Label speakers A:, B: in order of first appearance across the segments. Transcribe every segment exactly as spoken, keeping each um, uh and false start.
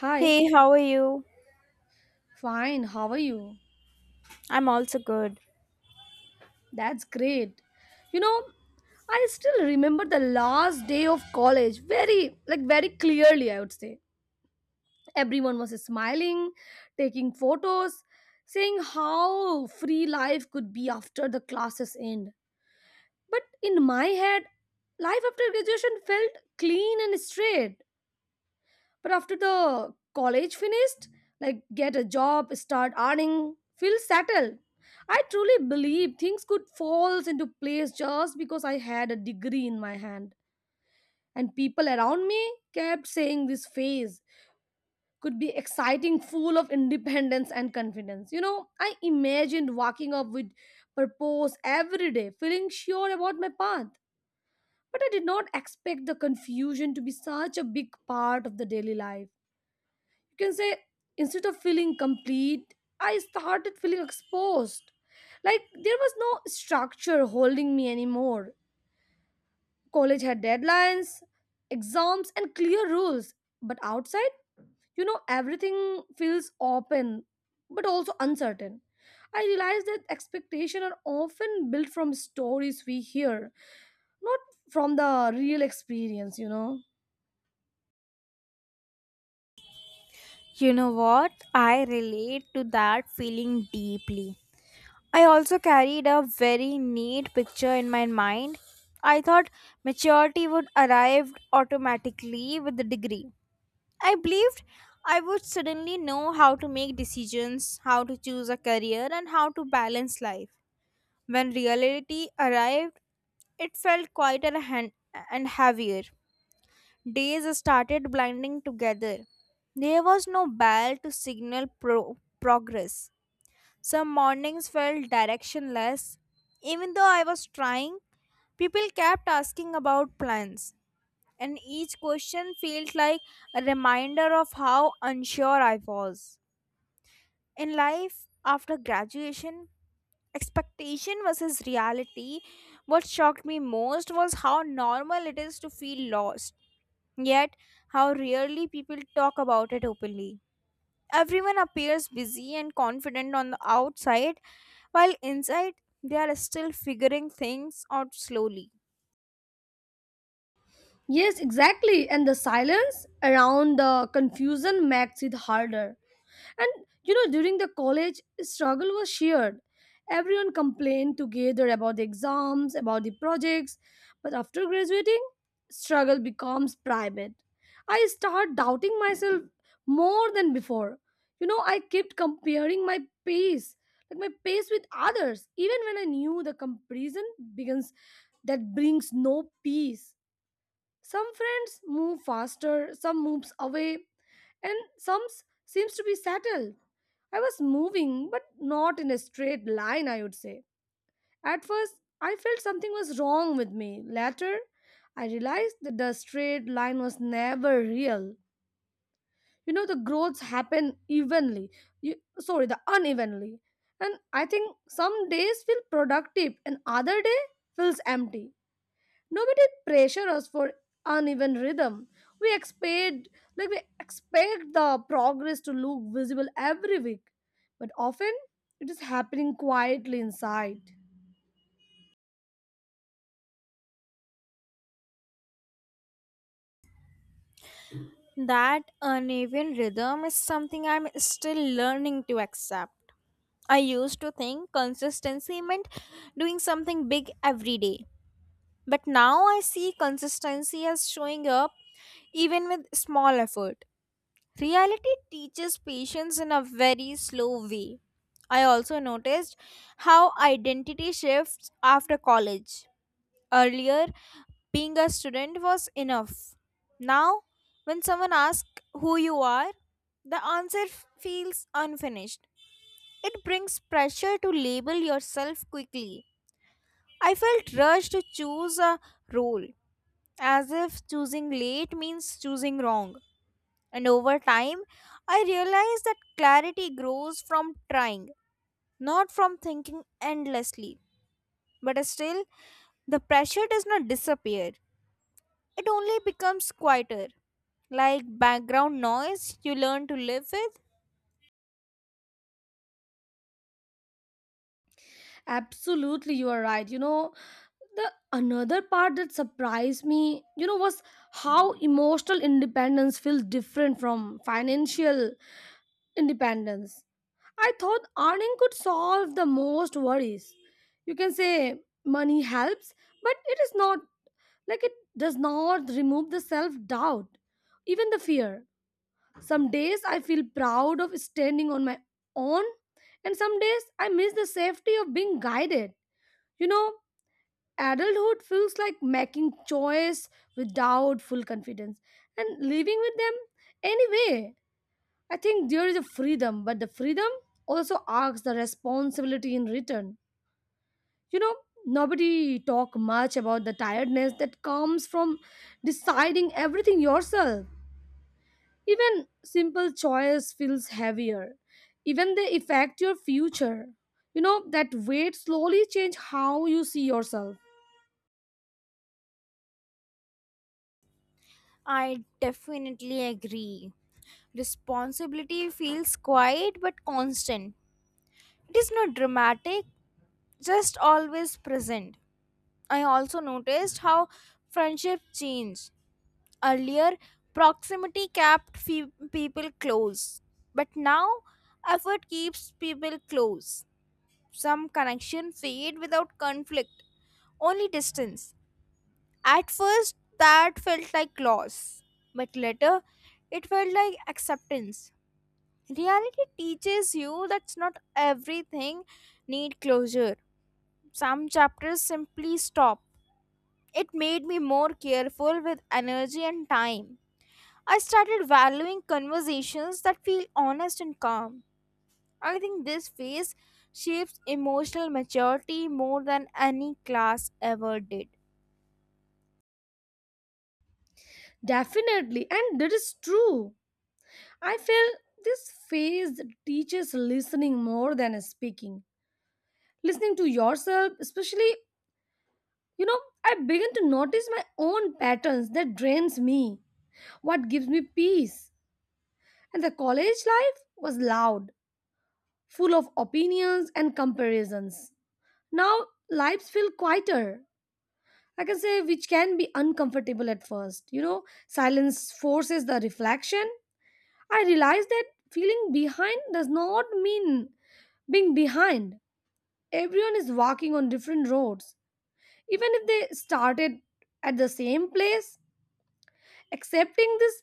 A: Hi,
B: Hey, how are you?
A: fine, how are you?
B: I'm also good.
A: That's great. You know, I still remember the last day of college very, like, very clearly, I would say. Everyone was smiling, taking photos, saying how free life could be after the classes end. But in my head, life after graduation felt clean and straight. But after the college finished, like get a job, start earning, feel settled. I truly believe things could fall into place just because I had a degree in my hand. And people around me kept saying this phase could be exciting, full of independence and confidence. You know, I imagined walking up with purpose every day, feeling sure about my path. But I did not expect the confusion to be such a big part of the daily life. You can say instead of feeling complete, I started feeling exposed, like there was no structure holding me anymore. College had deadlines, exams and clear rules, but outside, you know everything feels open but also uncertain. I realized that expectations are often built from stories we hear, not from the real experience you know
B: You know what? I relate to that feeling deeply. I also carried a very neat picture in my mind. I thought maturity would arrive automatically with the degree. I believed I would suddenly know how to make decisions, how to choose a career, and how to balance life. When reality arrived, it felt quieter and and heavier. Days started blinding together. There was no bell to signal pro- progress. Some mornings felt directionless. Even though I was trying, people kept asking about plans, and each question felt like a reminder of how unsure I was. In life, after graduation, expectation versus reality, what shocked me most was how normal it is to feel lost, yet how rarely people talk about it openly. Everyone appears busy and confident on the outside, while inside they are still figuring things out slowly.
A: Yes, exactly, and the silence around the confusion makes it harder. And you know, during the college, struggle was shared. Everyone complained together about the exams, about the projects, but after graduating, struggle becomes private. I start doubting myself more than before. You know, I kept comparing my pace, like my pace with others, even when I knew the comparison begins that brings no peace. Some friends move faster, some moves away, and some s- seems to be settled. I was moving, but not in a straight line, I would say. At first, I felt something was wrong with me. Later, I realized that the straight line was never real. You know, the growths happen evenly. You, sorry, the unevenly. And I think some days feel productive and other day feels empty. Nobody pressure us for uneven rhythm. We expect like we expect the progress to look visible every week, but often it is happening quietly inside.
B: That uneven rhythm is something I'm still learning to accept. I used to think consistency meant doing something big every day. But now I see consistency as showing up even with small effort. Reality teaches patience in a very slow way. I also noticed how identity shifts after college. Earlier, being a student was enough. Now, when someone asks who you are, the answer f- feels unfinished. It brings pressure to label yourself quickly. I felt rushed to choose a role, as if choosing late means choosing wrong. And over time, I realized that clarity grows from trying, not from thinking endlessly. But still, the pressure does not disappear, it only becomes quieter. Like background noise you learn to live with.
A: Absolutely, you are right. You know, the another part that surprised me, you know was how emotional independence feels different from financial independence. I thought earning could solve the most worries. You can say money helps, but it is not, like it does not remove the self doubt, even the fear. Some days I feel proud of standing on my own, and some days I miss the safety of being guided. You know, adulthood feels like making choice without full confidence and living with them anyway. I think there is a freedom, but the freedom also asks the responsibility in return. You know, nobody talk much about the tiredness that comes from deciding everything yourself. Even simple choice feels heavier. Even they affect your future. You know, that weight slowly change how you see yourself.
B: I definitely agree. Responsibility feels quiet but constant. It is not dramatic, just always present. I also noticed how friendship changed. Earlier, proximity kept fe- people close, but now effort keeps people close. Some connection fade without conflict, only distance. At first, that felt like loss, but later, it felt like acceptance. Reality teaches you that not everything need closure. Some chapters simply stop. It made me more careful with energy and time. I started valuing conversations that feel honest and calm. I think this phase shapes emotional maturity more than any class ever did.
A: Definitely, and that is true. I feel this phase teaches listening more than speaking, listening to yourself especially. You know, I begin to notice my own patterns that drains me, what gives me peace. And the college life was loud, full of opinions and comparisons. Now, lives feel quieter. I can say which can be uncomfortable at first. You know, silence forces the reflection. I realize that feeling behind does not mean being behind. Everyone is walking on different roads. Even if they started at the same place, accepting this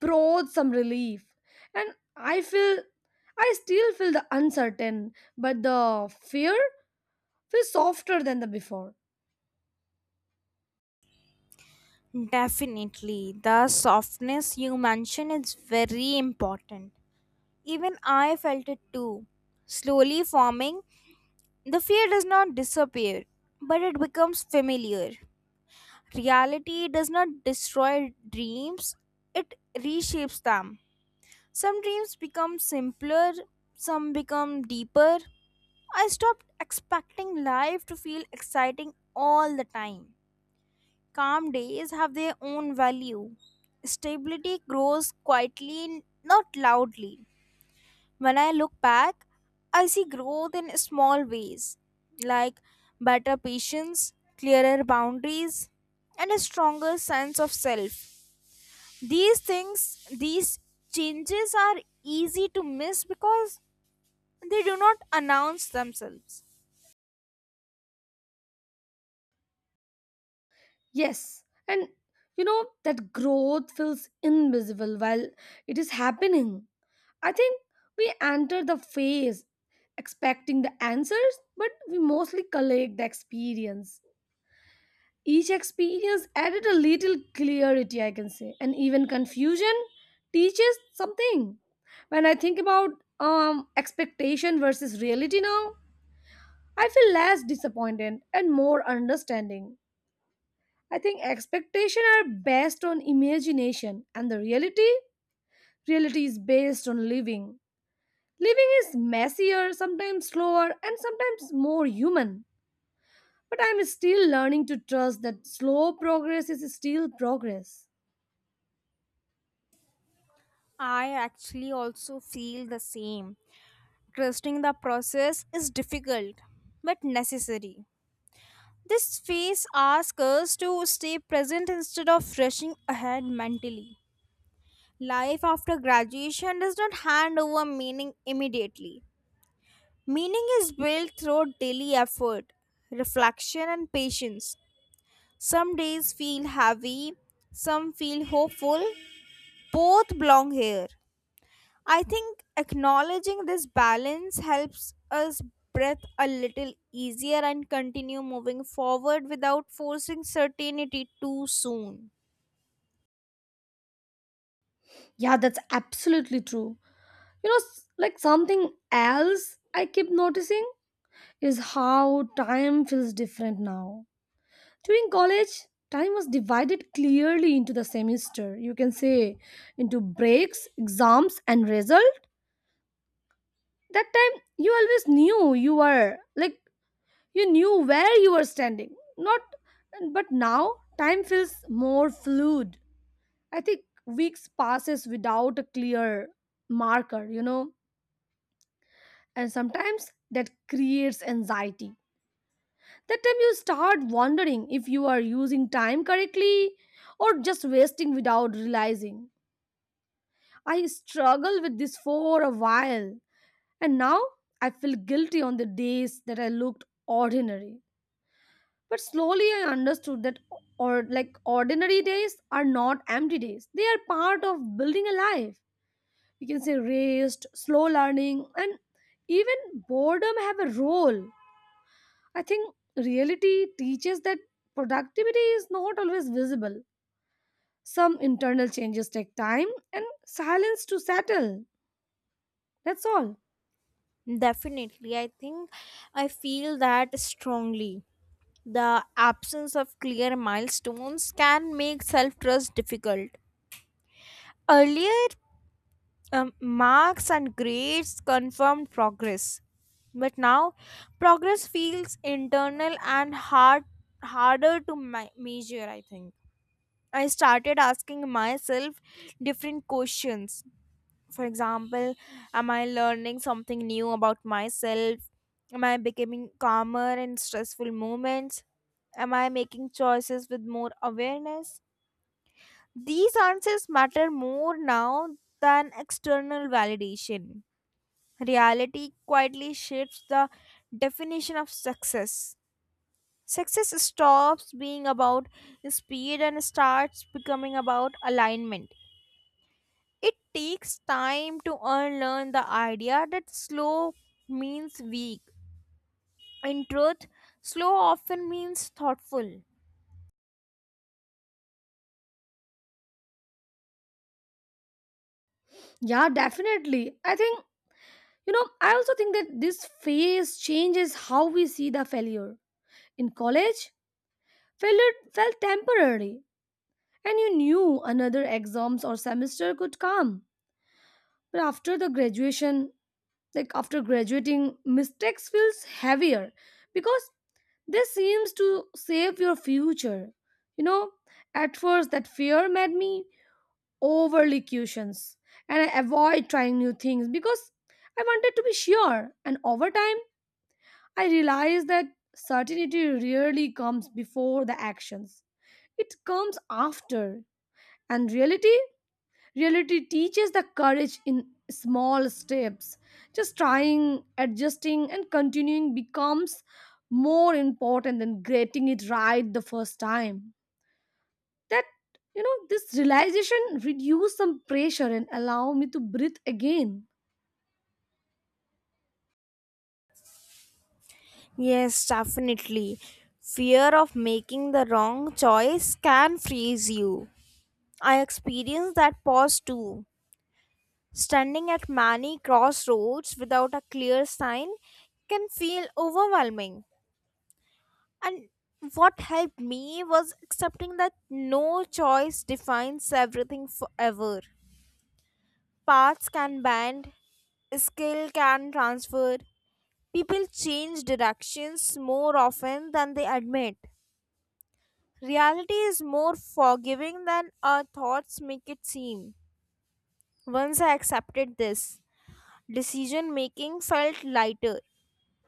A: brought some relief, and I feel, I still feel the uncertain, but the fear feels softer than the before.
B: Definitely, the softness you mentioned is very important. Even I felt it too. Slowly forming, the fear does not disappear, but it becomes familiar. Reality does not destroy dreams, it reshapes them. Some dreams become simpler, some become deeper. I stopped expecting life to feel exciting all the time. Calm days have their own value. Stability grows quietly, not loudly. When I look back, I see growth in small ways, like better patience, clearer boundaries, and a stronger sense of self. These things, these changes are easy to miss because they do not announce themselves.
A: Yes, and you know, that growth feels invisible while it is happening. I think we enter the phase expecting the answers, but we mostly collect the experience. Each experience added a little clarity, I can say, and even confusion teaches something. When I think about um, expectation versus reality now, I feel less disappointed and more understanding. I think expectation are based on imagination, and the reality, reality is based on living. Living is messier, sometimes slower, and sometimes more human. But I'm still learning to trust that slow progress is still progress.
B: I actually also feel the same. Trusting the process is difficult but necessary. This phase asks us to stay present instead of rushing ahead mentally. Life after graduation does not hand over meaning immediately. Meaning is built through daily effort, reflection, and patience. Some days feel heavy, some feel hopeful. Both belong here. I think acknowledging this balance helps us breathe a little easier and continue moving forward without forcing certainty too soon.
A: Yeah, that's absolutely true. You know, s- like something else I keep noticing is how time feels different now. During college, time was divided clearly into the semester. You can say into breaks, exams, and result. That time, you always knew you were like you knew where you were standing. Not, but now time feels more fluid. I think weeks passes without a clear marker. You know, and sometimes that creates anxiety. That time you start wondering if you are using time correctly or just wasting without realizing. I struggled with this for a while, and now I feel guilty on the days that I looked ordinary. But slowly I understood that, or like ordinary days are not empty days. They are part of building a life. You can say rest, slow learning, and even boredom have a role. I think reality teaches that productivity is not always visible. Some internal changes take time and silence to settle. That's all.
B: Definitely, I think I feel that strongly. The absence of clear milestones can make self trust difficult. Earlier, um, marks and grades confirmed progress, but now progress feels internal and hard, harder to ma- measure, I think. I started asking myself different questions. For example, am I learning something new about myself? Am I becoming calmer in stressful moments? Am I making choices with more awareness? These answers matter more now than external validation. Reality quietly shifts the definition of success. Success stops being about speed and starts becoming about alignment. It takes time to unlearn the idea that slow means weak. In truth, slow often means thoughtful.
A: Yeah, definitely. I think, you know, I also think that this phase changes how we see the failure. In college, failure felt temporary and you knew another exams or semester could come. But after the graduation, like after graduating, mistakes feels heavier because this seems to save your future. You know, at first that fear made me overly cautious and I avoid trying new things because I wanted to be sure. And over time, I realized that certainty rarely comes before the actions. It comes after. And reality Reality teaches the courage in small steps. Just trying, adjusting, and continuing becomes more important than getting it right the first time. That, you know, this realization reduced some pressure and allow me to breathe again.
B: Yes, definitely. Fear of making the wrong choice can freeze you. I experienced that pause too. Standing at many crossroads without a clear sign can feel overwhelming. And what helped me was accepting that no choice defines everything forever. Paths can bend, skill can transfer. People change directions more often than they admit. Reality is more forgiving than our thoughts make it seem. Once I accepted this, decision making felt lighter.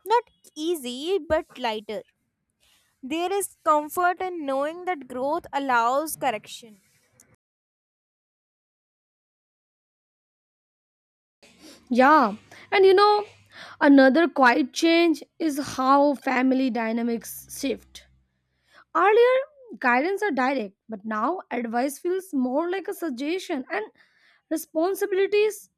B: Not easy, but lighter. There is comfort in knowing that growth allows correction.
A: Yeah. And, you know, another quiet change is how family dynamics shift. Earlier, guidance are direct, but now advice feels more like a suggestion and responsibilities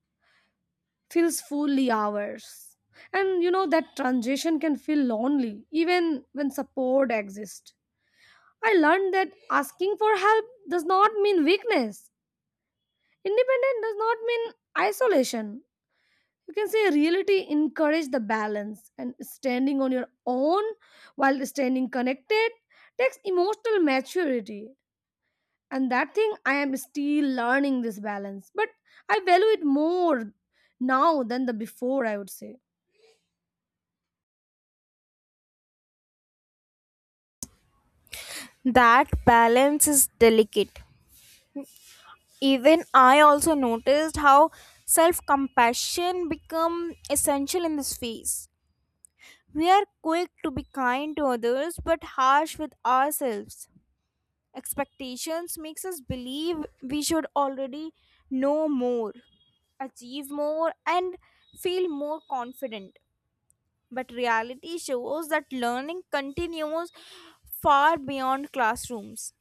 A: feels fully ours. And you know that transition can feel lonely even when support exists. I learned that asking for help does not mean weakness. Independent does not mean isolation. You can say reality encourage the balance and standing on your own while standing connected takes emotional maturity, and that thing I am still learning this balance, but I value it more now than the before, I would say.
B: That balance is delicate. Even I also noticed how self-compassion become essential in this phase. We are quick to be kind to others but harsh with ourselves. Expectations makes us believe we should already know more, achieve more and feel more confident. But reality shows that learning continues far beyond classrooms.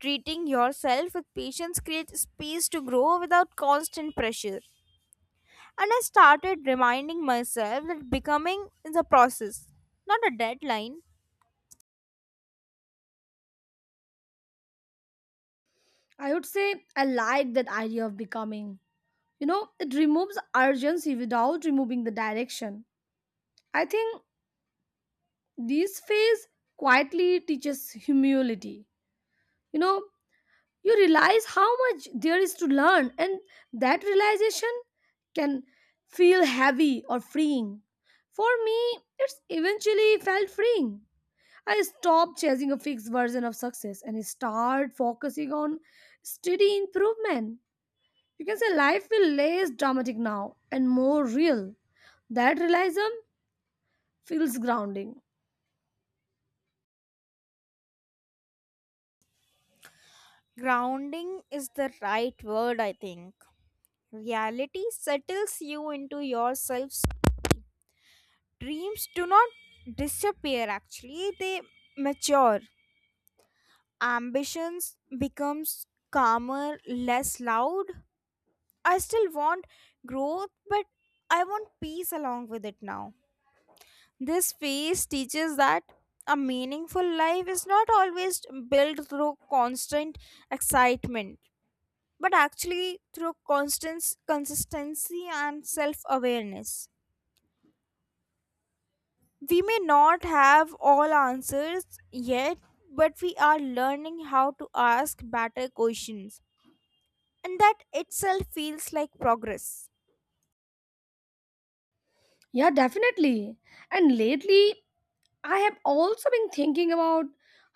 B: Treating yourself with patience creates space to grow without constant pressure. And I started reminding myself that becoming is a process, not a deadline.
A: I would say I like that idea of becoming. You know, it removes urgency without removing the direction. I think this phase quietly teaches humility. You know, you realize how much there is to learn, and that realization can feel heavy or freeing. For me, it's eventually felt freeing. I stopped chasing a fixed version of success and start focusing on steady improvement. You can say life will less dramatic now and more real. That realism feels grounding.
B: Grounding is the right word, I think. Reality settles you into yourself. Dreams do not disappear, actually, they mature. Ambitions becomes calmer, less loud. I still want growth, but I want peace along with it now. This phase teaches that a meaningful life is not always built through constant excitement, but actually through constant consistency and self awareness. We may not have all answers yet, but we are learning how to ask better questions, and that itself feels like progress.
A: Yeah, definitely. And lately, I have also been thinking about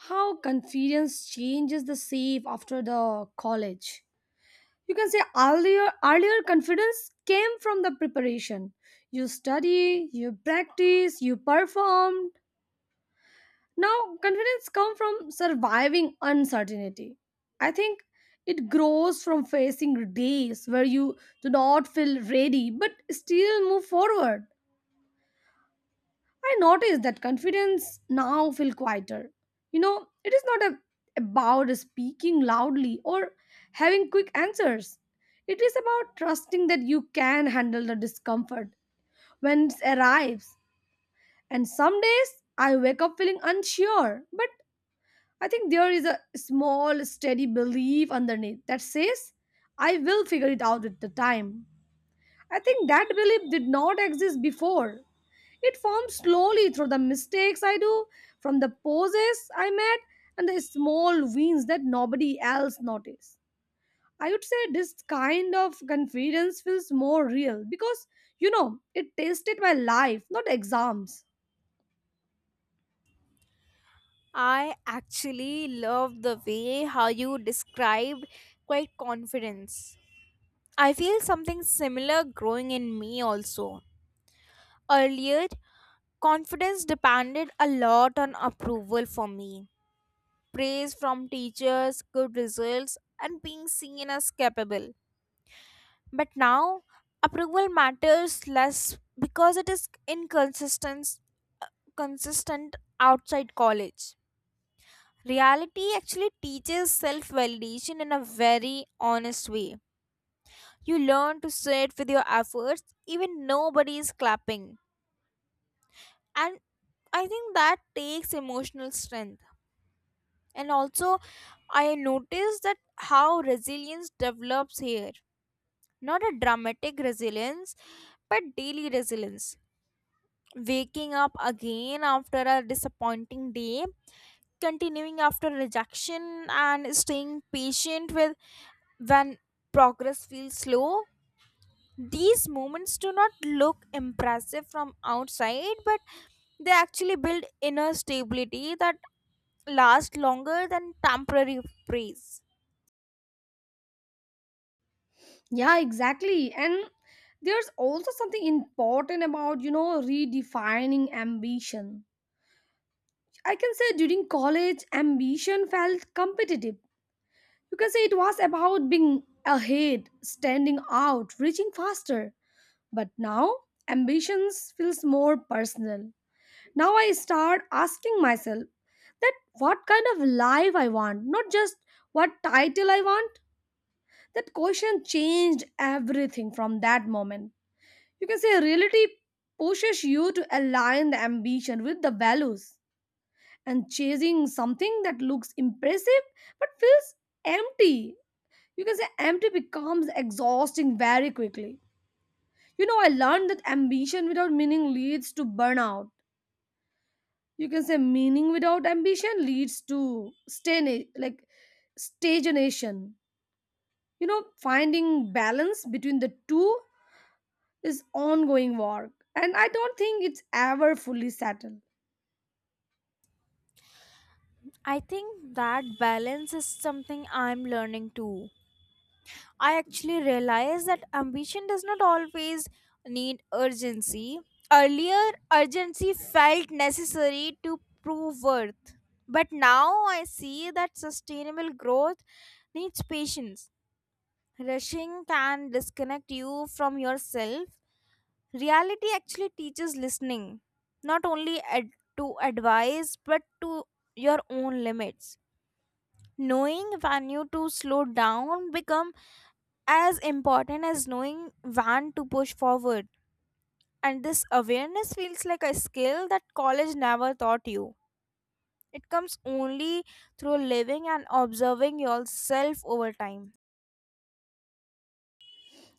A: how confidence changes the shape after the college. You can say earlier, earlier confidence came from the preparation. You study, you practice, you perform. Now, confidence comes from surviving uncertainty. I think it grows from facing days where you do not feel ready but still move forward. I notice that confidence now feel quieter. You know, it is not a, about speaking loudly or having quick answers. It is about trusting that you can handle the discomfort when it arrives. And some days I wake up feeling unsure, but I think there is a small, steady belief underneath that says, I will figure it out at the time. I think that belief did not exist before. It formed slowly through the mistakes I do, from the poses I made, and the small wins that nobody else noticed. I would say this kind of confidence feels more real because, you know, it tasted my life, not exams.
B: I actually love the way how you described quite confidence. I feel something similar growing in me also. Earlier, confidence depended a lot on approval for me. Praise from teachers, good results, and being seen as capable. But now, approval matters less because it is inconsistent consistent outside college. Reality actually teaches self validation in a very honest way. You learn to sit with your efforts, even nobody is clapping. And I think that takes emotional strength. And also, I noticed that how resilience develops here. Not a dramatic resilience, but daily resilience. Waking up again after a disappointing day, continuing after rejection, and staying patient with. When progress feels slow, these moments do not look impressive from outside, but they actually build inner stability that lasts longer than temporary praise.
A: Yeah, exactly. And there's also something important about, you know, redefining ambition. I can say during college, ambition felt competitive. You can say it was about being ahead, standing out, reaching faster. But now, ambitions feels more personal. Now I start asking myself that what kind of life I want, not just what title I want. That question changed everything from that moment. You can say reality pushes you to align the ambition with the values and chasing something that looks impressive but feels empty. You can say empty becomes exhausting very quickly. You know, I learned that ambition without meaning leads to burnout. You can say meaning without ambition leads to stagna- like stagnation. You know, finding balance between the two is ongoing work, and I don't think it's ever fully settled.
B: I think that balance is something I'm learning too. I actually realized that ambition does not always need urgency. Earlier, urgency felt necessary to prove worth. But now I see that sustainable growth needs patience. Rushing can disconnect you from yourself. Reality actually teaches listening, not only ad- to advice, but to your own limits. Knowing when to slow down become as important as knowing when to push forward, and this awareness feels like a skill that college never taught you. It comes only through living and observing yourself over time.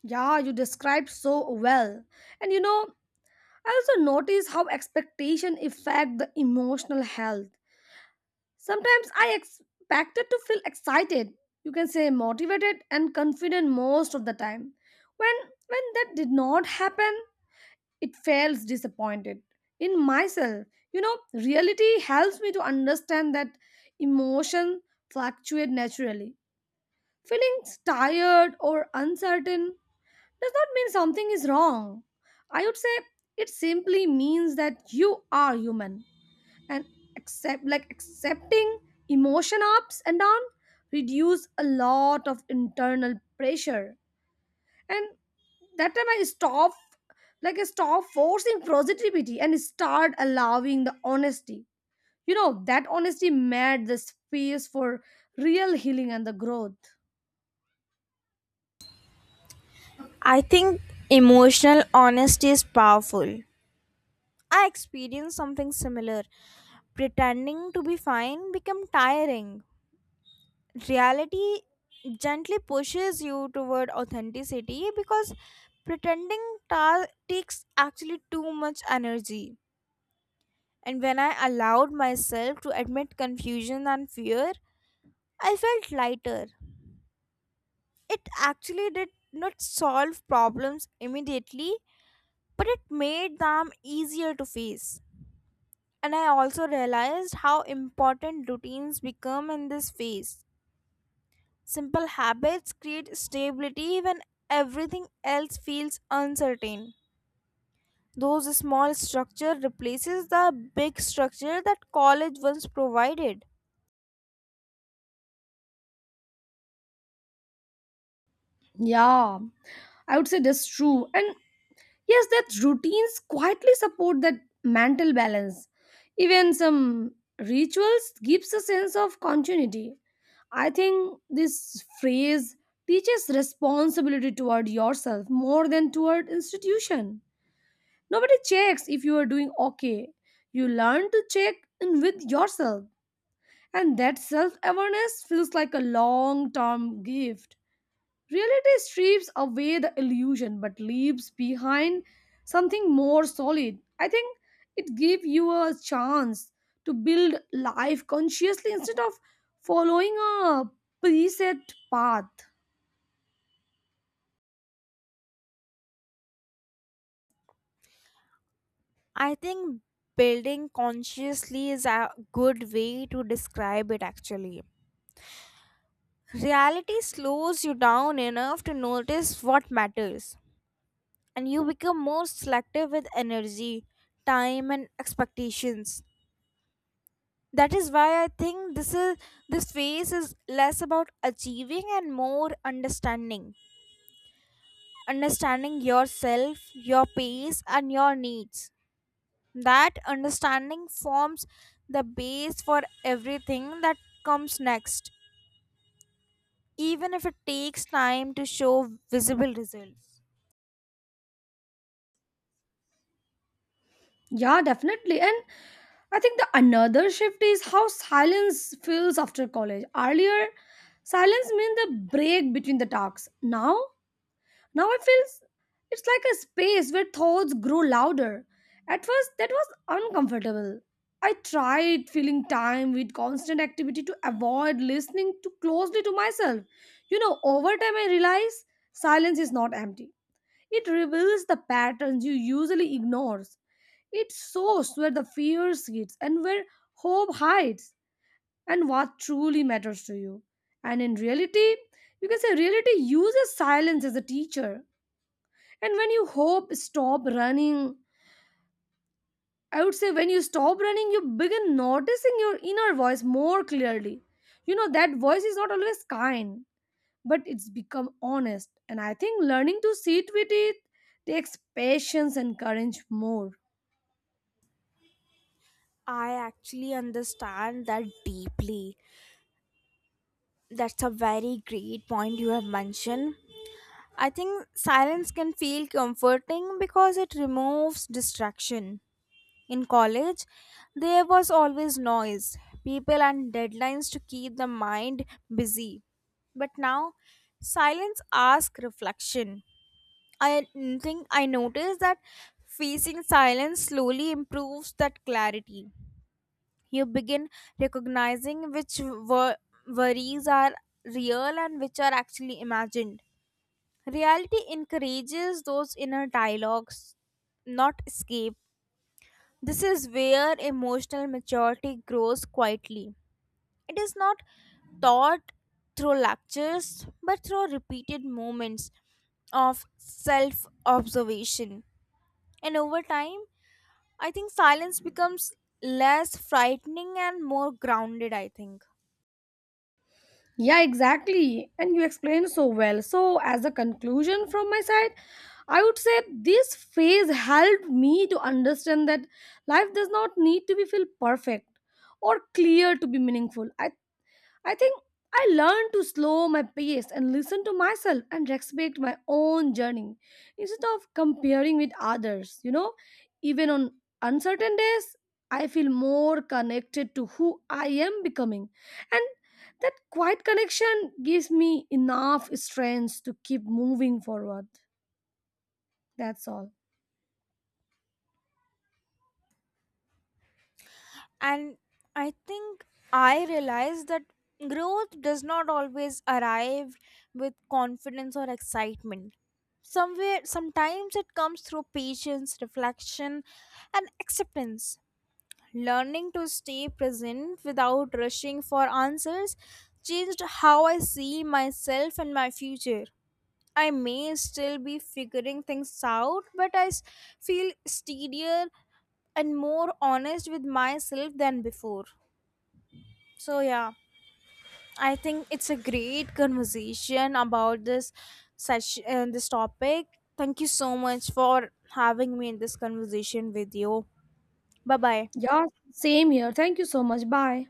A: Yeah, you described so well. And you know, I also notice how expectation affect the emotional health. Sometimes I expected to feel excited, you can say motivated and confident most of the time. When when that did not happen, it feels disappointed in myself. You know, reality helps me to understand that emotion fluctuate naturally. Feeling tired or uncertain does not mean something is wrong. I would say it simply means that you are human, and accept like accepting emotion ups and down reduce a lot of internal pressure. And that time I stop, like I stop forcing positivity and start allowing the honesty. You know, that honesty made the space for real healing and the growth.
B: I think emotional honesty is powerful. I experienced something similar. Pretending to be fine became tiring. Reality gently pushes you toward authenticity because pretending ta- takes actually too much energy. And when I allowed myself to admit confusion and fear, I felt lighter. It actually did not solve problems immediately, but it made them easier to face. And I also realized how important routines become in this phase. Simple habits create stability when everything else feels uncertain. Those small structure replaces the big structure that college once provided.
A: Yeah, I would say that's true. And yes, that routines quietly support that mental balance. Even some rituals gives a sense of continuity. I think this phrase teaches responsibility toward yourself more than toward institution. Nobody checks if you are doing okay. You learn to check in with yourself. And that self-awareness feels like a long-term gift. Reality strips away the illusion but leaves behind something more solid. I think it gives you a chance to build life consciously instead of following a preset path.
B: I think building consciously is a good way to describe it actually. Reality slows you down enough to notice what matters, and you become more selective with energy, time and expectations. That is why I think this is, this phase is less about achieving and more understanding, understanding yourself, your pace and your needs. That understanding forms the base for everything that comes next, even if it takes time to show visible results.
A: Yeah, definitely. And I think the another shift is how silence feels after college. Earlier, silence meant the break between the talks. Now, Now I feel s- it's like a space where thoughts grow louder. At first, that was uncomfortable. I tried filling time with constant activity to avoid listening too closely to myself. You know, over time, I realize silence is not empty. It reveals the patterns you usually ignores. It shows where the fear sits and where hope hides and what truly matters to you. And in reality, you can say reality uses silence as a teacher, and when you hope stop running, I would say when you stop running you begin noticing your inner voice more clearly. You know, that voice is not always kind, but it's become honest, and I think learning to sit with it takes patience and courage more.
B: I actually understand that deeply. That's a very great point you have mentioned. I think silence can feel comforting because it removes distraction. In college, there was always noise, people, and deadlines to keep the mind busy. But now, silence asks reflection. I think I noticed that facing silence slowly improves that clarity. You begin recognizing which wor- worries are real and which are actually imagined. Reality encourages those inner dialogues, not escape. This is where emotional maturity grows quietly. It is not taught through lectures but through repeated moments of self observation. And over time, I think silence becomes less frightening and more grounded, I think.
A: Yeah, exactly, and you explained so well. So as a conclusion from my side, I would say this phase helped me to understand that life does not need to be feel perfect or clear to be meaningful. I I think I learned to slow my pace and listen to myself and respect my own journey instead of comparing with others. You know, even on uncertain days, I feel more connected to who I am becoming. And that quiet connection gives me enough strength to keep moving forward. That's all.
B: And I think I realized that growth does not always arrive with confidence or excitement. Somewhere, sometimes it comes through patience, reflection, and acceptance. Learning to stay present without rushing for answers changed how I see myself and my future. I may still be figuring things out, but I s- feel steadier and more honest with myself than before. So, yeah, I think it's a great conversation about this such uh, this topic. Thank you so much for having me in this conversation with you. Bye bye.
A: Yeah, same here. Thank you so much. Bye.